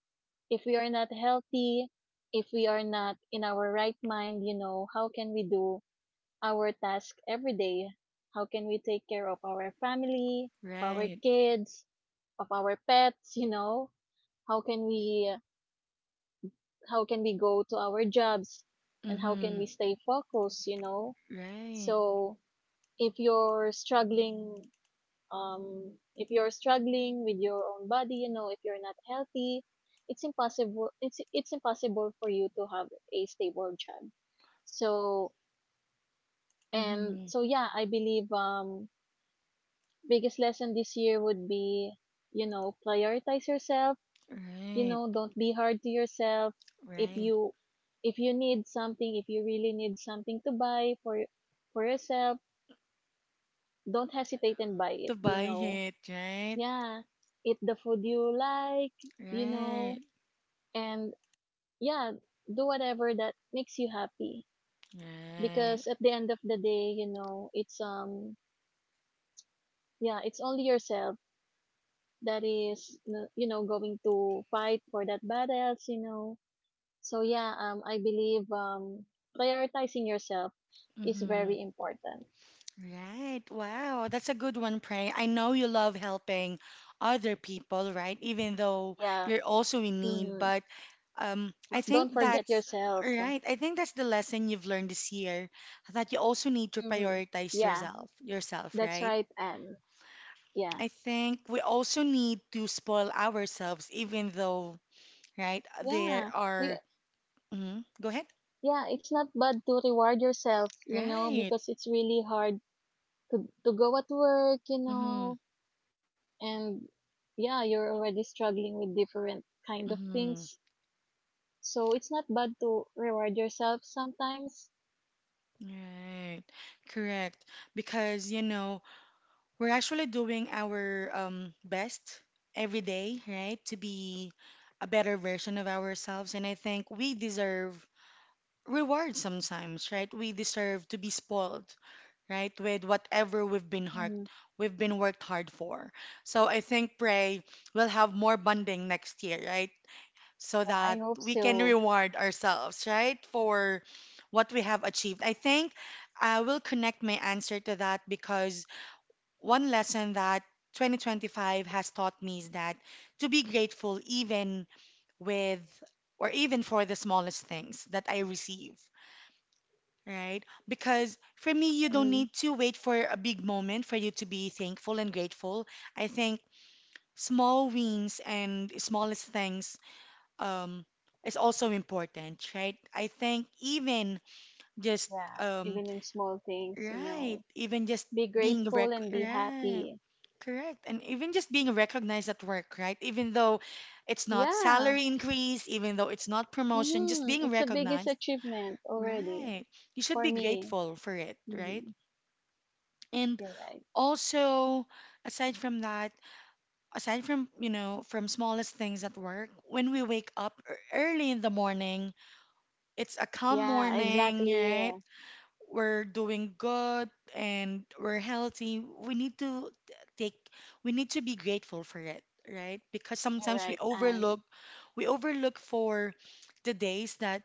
[SPEAKER 2] If we are not healthy, if we are not in our right mind, how can we do our task every day? How can we take care of our family, of our
[SPEAKER 1] Right.
[SPEAKER 2] kids, of our pets, you know? How can we how can we go to our jobs, and how can
[SPEAKER 1] Mm-hmm.
[SPEAKER 2] we stay focused, you know?
[SPEAKER 1] Right.
[SPEAKER 2] So if you're struggling with your own body, if you're not healthy, it's impossible for you to have a stable job. So, and
[SPEAKER 1] Mm-hmm.
[SPEAKER 2] so, yeah, I believe biggest lesson this year would be, prioritize yourself,
[SPEAKER 1] Right.
[SPEAKER 2] don't be hard to yourself. if
[SPEAKER 1] Right.
[SPEAKER 2] you if you need something, if you really need something to buy for yourself, don't hesitate and buy it
[SPEAKER 1] To
[SPEAKER 2] you
[SPEAKER 1] buy
[SPEAKER 2] know
[SPEAKER 1] it, right?
[SPEAKER 2] Yeah, eat the food you like, you know,
[SPEAKER 1] Right.
[SPEAKER 2] and yeah, do whatever that makes you happy.
[SPEAKER 1] Right.
[SPEAKER 2] Because at the end of the day, it's only yourself that is going to fight for that battles. So yeah, I believe prioritizing yourself is
[SPEAKER 1] Mm-hmm.
[SPEAKER 2] very important.
[SPEAKER 1] Right. Wow. That's a good one, Pray. I know you love helping other people, right? Even though
[SPEAKER 2] Yeah.
[SPEAKER 1] you're also in need.
[SPEAKER 2] Mhm.
[SPEAKER 1] But I
[SPEAKER 2] But
[SPEAKER 1] think
[SPEAKER 2] don't forget
[SPEAKER 1] that's
[SPEAKER 2] yourself.
[SPEAKER 1] right. I think that's the lesson you've learned this year, that you also need to
[SPEAKER 2] Mhm.
[SPEAKER 1] prioritize
[SPEAKER 2] Yeah,
[SPEAKER 1] yourself, yourself,
[SPEAKER 2] that's
[SPEAKER 1] right?
[SPEAKER 2] right, Anne. Yeah.
[SPEAKER 1] I think we also need to spoil ourselves, even though, right, there
[SPEAKER 2] Yeah. We
[SPEAKER 1] are. Hmm. Go ahead.
[SPEAKER 2] Yeah, it's not bad to reward yourself,
[SPEAKER 1] Right.
[SPEAKER 2] because it's really hard to go at work,
[SPEAKER 1] Mm-hmm.
[SPEAKER 2] and yeah, you're already struggling with different kind of
[SPEAKER 1] Mm-hmm.
[SPEAKER 2] things. So it's not bad to reward yourself sometimes.
[SPEAKER 1] Right. Correct. Because, you know, we're actually doing our best every day, right, to be a better version of ourselves. And I think we deserve reward sometimes, right? We deserve to be spoiled, right, with whatever we've been hard,
[SPEAKER 2] Mm,
[SPEAKER 1] we've been worked hard for. So I think pray we'll have more bonding next year, right, so
[SPEAKER 2] yeah, I
[SPEAKER 1] that
[SPEAKER 2] hope
[SPEAKER 1] we can
[SPEAKER 2] so.
[SPEAKER 1] reward ourselves, right, for what we have achieved. I think I will connect my answer to that because one lesson that 2025 has taught me is that to be grateful even with or even for the smallest things that I receive, right? Because for me, you don't
[SPEAKER 2] Mm,
[SPEAKER 1] need to wait for a big moment for you to be thankful and grateful. I think small wins and smallest things um, is also important, right? I think even just
[SPEAKER 2] yeah,
[SPEAKER 1] um,
[SPEAKER 2] even in small things,
[SPEAKER 1] right, even just
[SPEAKER 2] be grateful and be
[SPEAKER 1] right.
[SPEAKER 2] happy.
[SPEAKER 1] Correct. And even just being recognized at work, right? Even though it's not
[SPEAKER 2] Yeah,
[SPEAKER 1] salary increase, even though it's not promotion, just
[SPEAKER 2] mm-hmm.
[SPEAKER 1] being
[SPEAKER 2] It's the biggest
[SPEAKER 1] recognized,
[SPEAKER 2] achievement already
[SPEAKER 1] right? You should
[SPEAKER 2] for
[SPEAKER 1] be
[SPEAKER 2] me.
[SPEAKER 1] grateful for it, right?
[SPEAKER 2] Mm-hmm.
[SPEAKER 1] And
[SPEAKER 2] You're right.
[SPEAKER 1] also, aside from that, aside from, you know, from smallest things at work, when we wake up early in the morning, it's a calm
[SPEAKER 2] Yeah,
[SPEAKER 1] morning,
[SPEAKER 2] exactly.
[SPEAKER 1] right? We're doing good and we're healthy, we need to take, we need to be grateful for it, right? Because
[SPEAKER 2] You're
[SPEAKER 1] sometimes
[SPEAKER 2] right, and
[SPEAKER 1] we overlook for the days that,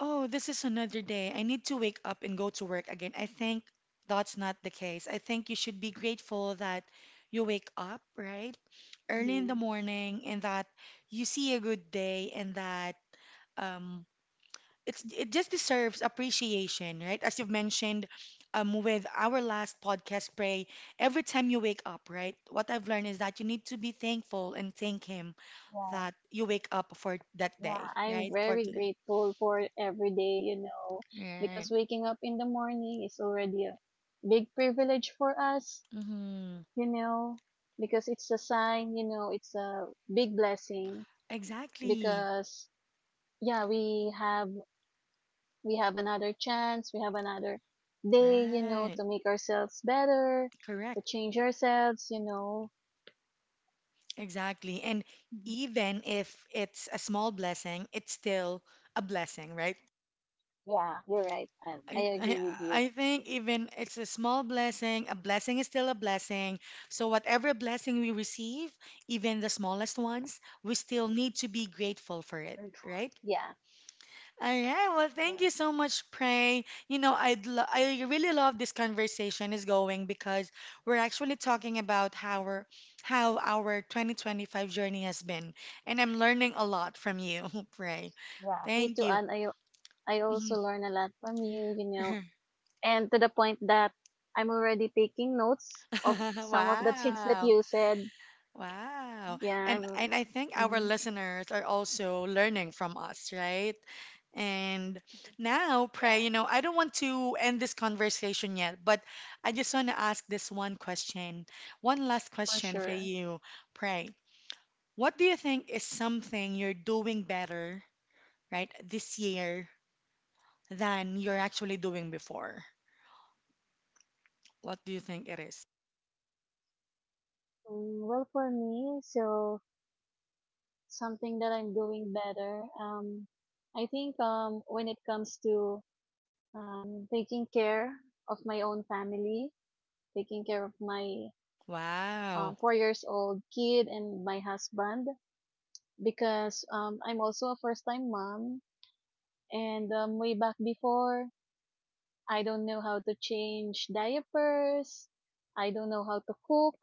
[SPEAKER 1] oh, this is another day. I need to wake up and go to work again. I think that's not the case. I think you should be grateful that you wake up, right? Early in the
[SPEAKER 2] hmm
[SPEAKER 1] morning and that you see a good day and that um, it's it just deserves appreciation, right? As you've mentioned, with our last podcast, pray every time you wake up, right? What I've learned is that you need to be thankful and thank Him
[SPEAKER 2] yeah,
[SPEAKER 1] that you wake up for that day,
[SPEAKER 2] yeah. I'm
[SPEAKER 1] right? For
[SPEAKER 2] very
[SPEAKER 1] today,
[SPEAKER 2] grateful for every day,
[SPEAKER 1] right?
[SPEAKER 2] because waking up in the morning is already a big privilege for us,
[SPEAKER 1] Hmm.
[SPEAKER 2] you know, because it's a sign, it's a big blessing
[SPEAKER 1] Exactly,
[SPEAKER 2] because yeah, we have another chance, we have another day,
[SPEAKER 1] right?
[SPEAKER 2] to make ourselves better, to
[SPEAKER 1] Correct,
[SPEAKER 2] change ourselves.
[SPEAKER 1] exactly. And
[SPEAKER 2] Mhm.
[SPEAKER 1] even if it's a small blessing, it's still a blessing, right?
[SPEAKER 2] Yeah, you're right, and I
[SPEAKER 1] I,
[SPEAKER 2] agree with you.
[SPEAKER 1] I think even it's a small blessing, a blessing is still a blessing. So whatever blessing we receive, even the smallest ones, we still need to be grateful for it,
[SPEAKER 2] Grateful.
[SPEAKER 1] right?
[SPEAKER 2] Yeah.
[SPEAKER 1] All right. Well, thank you so much, Pray. You know, I really love this conversation is going because we're actually talking about how our 2025 journey has been, and I'm learning a lot from you, Pray.
[SPEAKER 2] Yeah, me
[SPEAKER 1] Thank
[SPEAKER 2] too,
[SPEAKER 1] you.
[SPEAKER 2] and I also
[SPEAKER 1] Mhm.
[SPEAKER 2] learn a lot from you, and to the point that I'm already taking notes of some of the things that
[SPEAKER 1] Wow.
[SPEAKER 2] you said.
[SPEAKER 1] Wow.
[SPEAKER 2] Yeah,
[SPEAKER 1] And
[SPEAKER 2] I'm.
[SPEAKER 1] and I think our
[SPEAKER 2] Hmm.
[SPEAKER 1] listeners are also learning from us, right? And now, Pray,
[SPEAKER 2] Yeah,
[SPEAKER 1] you know, I don't want to end this conversation yet, but I just want to ask this one question, one last
[SPEAKER 2] for
[SPEAKER 1] question for
[SPEAKER 2] sure.
[SPEAKER 1] you, Pray. What do you think is something you're doing better, right, this year than you're actually doing before? What do you think it is?
[SPEAKER 2] Mm. Well, for me, so something that I'm doing better. I think when it comes to taking care of my own family, taking care of my
[SPEAKER 1] Wow.
[SPEAKER 2] 4-year-old kid and my husband. Because I'm also a first time mom. And way back before, I don't know how to change diapers. I don't know how to cook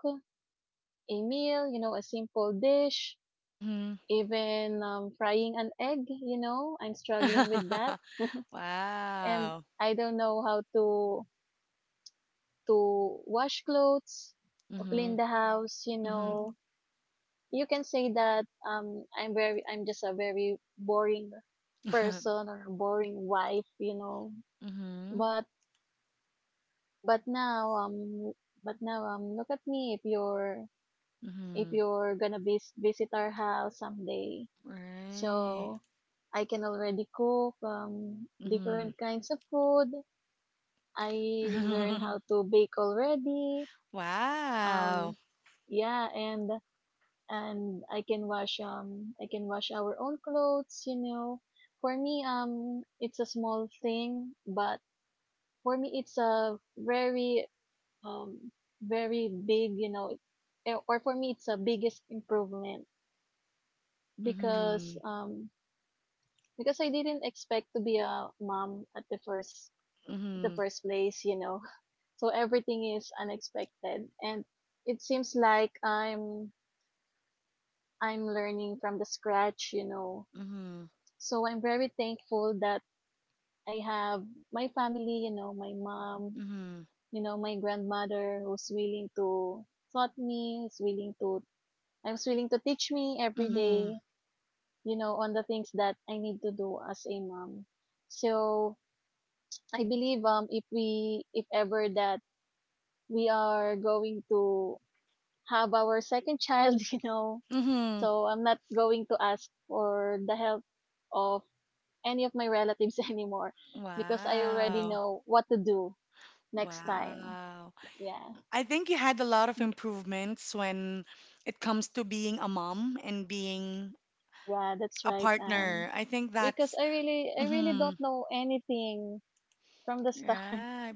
[SPEAKER 2] a meal, a simple dish,
[SPEAKER 1] Mm-hmm.
[SPEAKER 2] even frying an egg, I'm struggling with that. And
[SPEAKER 1] Wow.
[SPEAKER 2] I don't know how to wash clothes, to clean
[SPEAKER 1] Mm-hmm.
[SPEAKER 2] the house, you
[SPEAKER 1] Mm-hmm.
[SPEAKER 2] know. You can say that I'm just a very boring person or boring wife.
[SPEAKER 1] Mm-hmm.
[SPEAKER 2] But but now but now look at me, if
[SPEAKER 1] Mm-hmm.
[SPEAKER 2] you're gonna visit our house someday.
[SPEAKER 1] Right.
[SPEAKER 2] So I can already cook
[SPEAKER 1] Mm-hmm.
[SPEAKER 2] different kinds of food. I learn how to bake already.
[SPEAKER 1] Wow.
[SPEAKER 2] Um yeah, and I can wash I can wash our own clothes. For me, it's a small thing, but for me it's a very, um very big, or for me it's a biggest improvement because
[SPEAKER 1] Mm-hmm.
[SPEAKER 2] um because I didn't expect to be a mom at the first,
[SPEAKER 1] Mm-hmm.
[SPEAKER 2] place. So everything is unexpected, and it seems like I'm learning from the scratch.
[SPEAKER 1] Mm-hmm.
[SPEAKER 2] So I'm very thankful that I have my family, my mom,
[SPEAKER 1] Mm-hmm.
[SPEAKER 2] my grandmother who's willing to taught me is willing to I was willing to teach me every
[SPEAKER 1] Mm-hmm.
[SPEAKER 2] day, on the things that I need to do as a mom. So I believe if ever that we are going to have our second child,
[SPEAKER 1] Mm-hmm.
[SPEAKER 2] so I'm not going to ask for the help of any of my relatives anymore, because I already
[SPEAKER 1] Wow.
[SPEAKER 2] know what to do next time.
[SPEAKER 1] Wow.
[SPEAKER 2] Yeah.
[SPEAKER 1] I think you had a lot of improvements when it comes to being a mom and being
[SPEAKER 2] Yeah, that's
[SPEAKER 1] a
[SPEAKER 2] right. And
[SPEAKER 1] partner. I think
[SPEAKER 2] because
[SPEAKER 1] that's
[SPEAKER 2] I really
[SPEAKER 1] mm-hmm.
[SPEAKER 2] don't know anything from the start.
[SPEAKER 1] Right.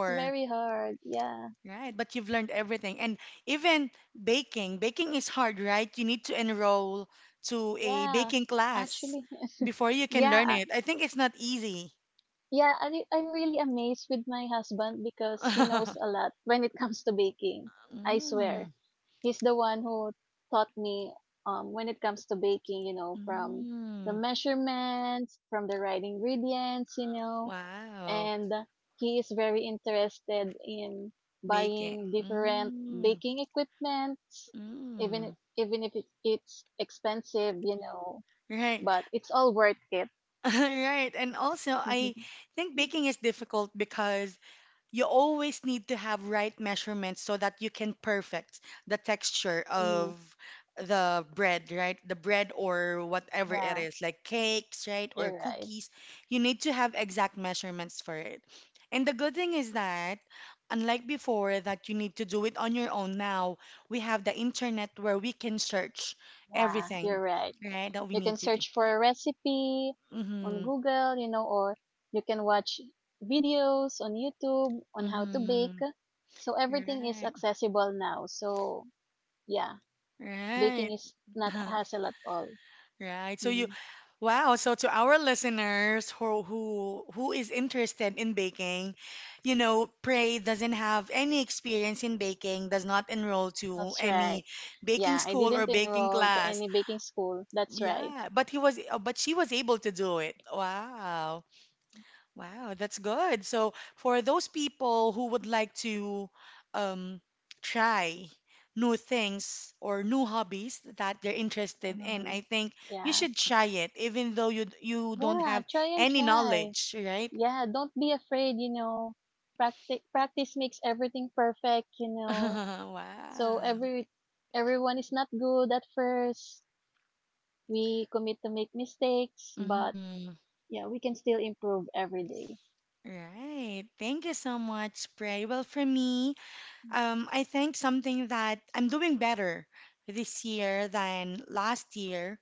[SPEAKER 2] It's very hard. Yeah.
[SPEAKER 1] Right, but you've learned everything. And even baking, baking is hard, right? You need to enroll to a
[SPEAKER 2] Yeah.
[SPEAKER 1] baking class
[SPEAKER 2] Actually,
[SPEAKER 1] before you can learn
[SPEAKER 2] yeah.
[SPEAKER 1] it. I think it's not easy.
[SPEAKER 2] Yeah. I'm really amazed with my husband because he knows a lot when it comes to baking. I
[SPEAKER 1] Mm,
[SPEAKER 2] swear. He's the one who taught me, when it comes to baking, from the
[SPEAKER 1] mm,
[SPEAKER 2] measurements, from the right ingredients.
[SPEAKER 1] wow,
[SPEAKER 2] And he is very interested in
[SPEAKER 1] baking.
[SPEAKER 2] buying different
[SPEAKER 1] Mm,
[SPEAKER 2] baking equipments, even
[SPEAKER 1] mm.
[SPEAKER 2] if- even if it's expensive,
[SPEAKER 1] Right,
[SPEAKER 2] but it's all worth it.
[SPEAKER 1] right. And also, I think baking is difficult because you always need to have right measurements so that you can perfect the texture of
[SPEAKER 2] Mhm.
[SPEAKER 1] the bread, right? The bread or whatever it
[SPEAKER 2] Yeah,
[SPEAKER 1] is, like cakes, right? Or
[SPEAKER 2] you're right.
[SPEAKER 1] cookies. You need to have exact measurements for it. And the good thing is that, unlike before, that you need to do it on your own now, we have the internet where we can search
[SPEAKER 2] Yeah,
[SPEAKER 1] everything,
[SPEAKER 2] you're right.
[SPEAKER 1] right? That we
[SPEAKER 2] You can
[SPEAKER 1] need to do.
[SPEAKER 2] search for a recipe on
[SPEAKER 1] Mm-hmm.
[SPEAKER 2] Google, or you can watch videos on YouTube on how to bake,
[SPEAKER 1] Mm-hmm.
[SPEAKER 2] so everything is
[SPEAKER 1] Right.
[SPEAKER 2] accessible now. So yeah, baking
[SPEAKER 1] Right.
[SPEAKER 2] is not hassle at all.
[SPEAKER 1] Right. So you.
[SPEAKER 2] Mhm.
[SPEAKER 1] Wow, so to our listeners who who is interested in baking, you know, pray doesn't have any experience in baking, does not enroll to
[SPEAKER 2] That's right.
[SPEAKER 1] any baking
[SPEAKER 2] Yeah, I
[SPEAKER 1] school
[SPEAKER 2] didn't
[SPEAKER 1] or baking
[SPEAKER 2] enroll to
[SPEAKER 1] class.
[SPEAKER 2] any baking school. That's right.
[SPEAKER 1] Yeah, but he was but she was able to do it. Wow. Wow, that's good. So, for those people who would like to um, try new things or new hobbies that they're interested in, I
[SPEAKER 2] Mhm.
[SPEAKER 1] think you
[SPEAKER 2] Yeah.
[SPEAKER 1] should try it, even though you don't
[SPEAKER 2] Yeah,
[SPEAKER 1] have
[SPEAKER 2] try and
[SPEAKER 1] any
[SPEAKER 2] try.
[SPEAKER 1] knowledge, right?
[SPEAKER 2] Yeah, don't be afraid. Practice, practice makes everything perfect, you know. So
[SPEAKER 1] Wow.
[SPEAKER 2] everyone is not good at first. We commit to make mistakes, but
[SPEAKER 1] Hmm.
[SPEAKER 2] yeah, we can still improve every day.
[SPEAKER 1] Right. Thank you so much, Pray. Well, for me, I think something that I'm doing better this year than last year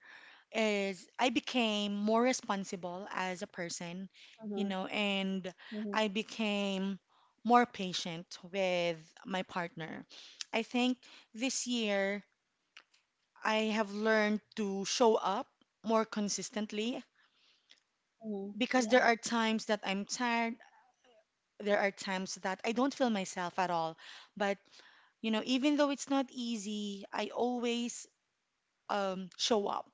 [SPEAKER 1] is I became more responsible as a person, you
[SPEAKER 2] Mm-hmm.
[SPEAKER 1] know, and
[SPEAKER 2] Mm-hmm.
[SPEAKER 1] I became more patient with my partner. I think this year I have learned to show up more consistently
[SPEAKER 2] Mm-hmm.
[SPEAKER 1] because there
[SPEAKER 2] Yeah.
[SPEAKER 1] are times that I'm tired. There are times that I don't feel myself at all. But, you know, even though it's not easy, I always show up.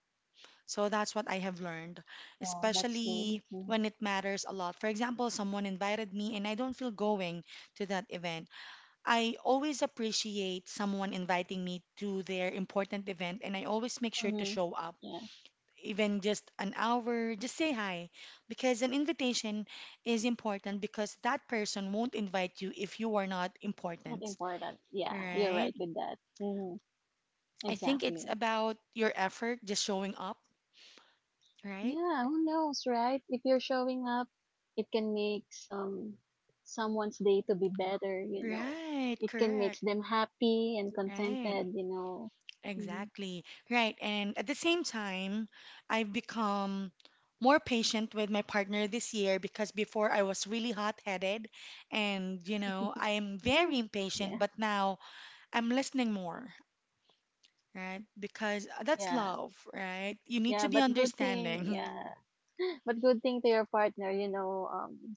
[SPEAKER 1] So that's what I have learned,
[SPEAKER 2] Yeah, that's good.
[SPEAKER 1] especially
[SPEAKER 2] Mm-hmm.
[SPEAKER 1] when it matters a lot. For example, someone invited me and I don't feel going to that event. I always appreciate someone inviting me to their important event and I always make sure to
[SPEAKER 2] Mm-hmm.
[SPEAKER 1] show up.
[SPEAKER 2] Yeah.
[SPEAKER 1] Even just an hour, just say hi because an invitation is important because that person won't invite you if you are not
[SPEAKER 2] Not
[SPEAKER 1] important,
[SPEAKER 2] important. Yeah, you're
[SPEAKER 1] right?
[SPEAKER 2] right with that. Hmm.
[SPEAKER 1] I think it's
[SPEAKER 2] Exactly.
[SPEAKER 1] about your effort, just showing up, right?
[SPEAKER 2] Yeah, who knows, right? If you're showing up, it can make someone's day to be better.
[SPEAKER 1] Right,
[SPEAKER 2] It can
[SPEAKER 1] correct.
[SPEAKER 2] make them happy and
[SPEAKER 1] Right,
[SPEAKER 2] contented. Hmm.
[SPEAKER 1] exactly. Right. And at the same time, I've become more patient with my partner this year because before I was really hot-headed and, you know, I am very impatient,
[SPEAKER 2] Yeah,
[SPEAKER 1] but now I'm listening more, right? Because that's
[SPEAKER 2] yeah,
[SPEAKER 1] love, right? You need to
[SPEAKER 2] yeah.
[SPEAKER 1] be
[SPEAKER 2] But good thing,
[SPEAKER 1] understanding.
[SPEAKER 2] yeah. But good thing to your partner,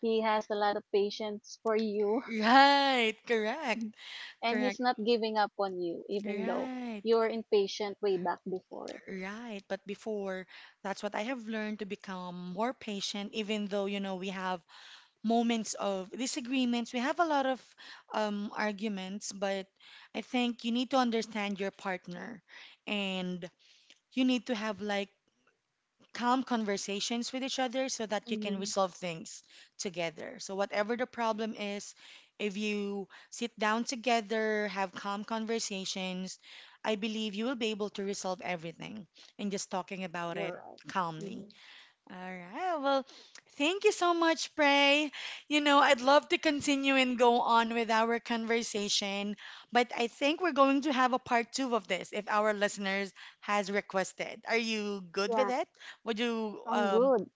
[SPEAKER 2] he has a lot of patience for you,
[SPEAKER 1] Right, correct,
[SPEAKER 2] and he's
[SPEAKER 1] correct.
[SPEAKER 2] not giving up on you, even though
[SPEAKER 1] Right,
[SPEAKER 2] you were impatient way back before.
[SPEAKER 1] right. But before, that's what I have learned to become more patient, even though, you know, we have moments of disagreements. We have a lot of arguments, but I think you need to understand your partner and you need to have like calm conversations with each other so that you can
[SPEAKER 2] Mm-hmm.
[SPEAKER 1] resolve things together. So, whatever the problem is, if you sit down together, have calm conversations, I believe you will be able to resolve everything and just talking about it
[SPEAKER 2] You're right.
[SPEAKER 1] calmly.
[SPEAKER 2] Mm-hmm.
[SPEAKER 1] All right. Well, thank you so much, Pray. You know, I'd love to continue and go on with our conversation, but I think we're going to have a part two of this if our listeners has requested. Are you good with
[SPEAKER 2] Yeah,
[SPEAKER 1] it? Would you
[SPEAKER 2] I'm good.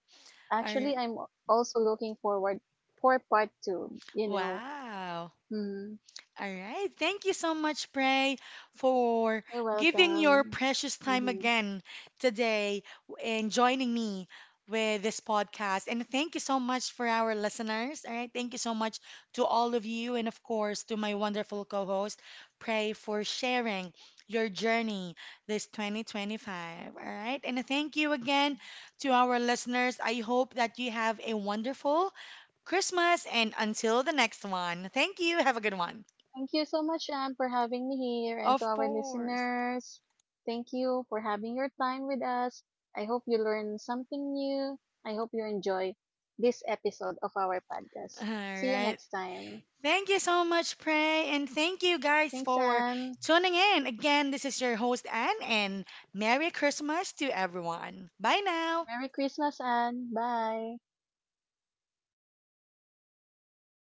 [SPEAKER 1] are
[SPEAKER 2] Actually, I'm also looking forward for part two.
[SPEAKER 1] wow.
[SPEAKER 2] Mm-hmm.
[SPEAKER 1] All right. Thank you so much, Pray, for
[SPEAKER 2] You're
[SPEAKER 1] giving your
[SPEAKER 2] welcome.
[SPEAKER 1] precious time
[SPEAKER 2] Mm-hmm.
[SPEAKER 1] again today and joining me with this podcast. And thank you so much for our listeners. All right. Thank you so much to all of you. And of course, to my wonderful co host, Pray, for sharing your journey this 2025. All right. And thank you again to our listeners. I hope that you have a wonderful Christmas. And until the next one, thank you. Have a good one.
[SPEAKER 2] Thank you so much, Anne, for having me here and to
[SPEAKER 1] Of
[SPEAKER 2] our
[SPEAKER 1] course.
[SPEAKER 2] listeners. Thank you for having your time with us. I hope you learn something new. I hope you enjoy this episode of our podcast.
[SPEAKER 1] All
[SPEAKER 2] See you
[SPEAKER 1] right.
[SPEAKER 2] next time.
[SPEAKER 1] Thank you so much, Prey, and thank you guys
[SPEAKER 2] Thanks,
[SPEAKER 1] for
[SPEAKER 2] Anne.
[SPEAKER 1] tuning in. Again, this is your host, Anne, and Merry Christmas to everyone. Bye now.
[SPEAKER 2] Merry Christmas, Anne. Bye.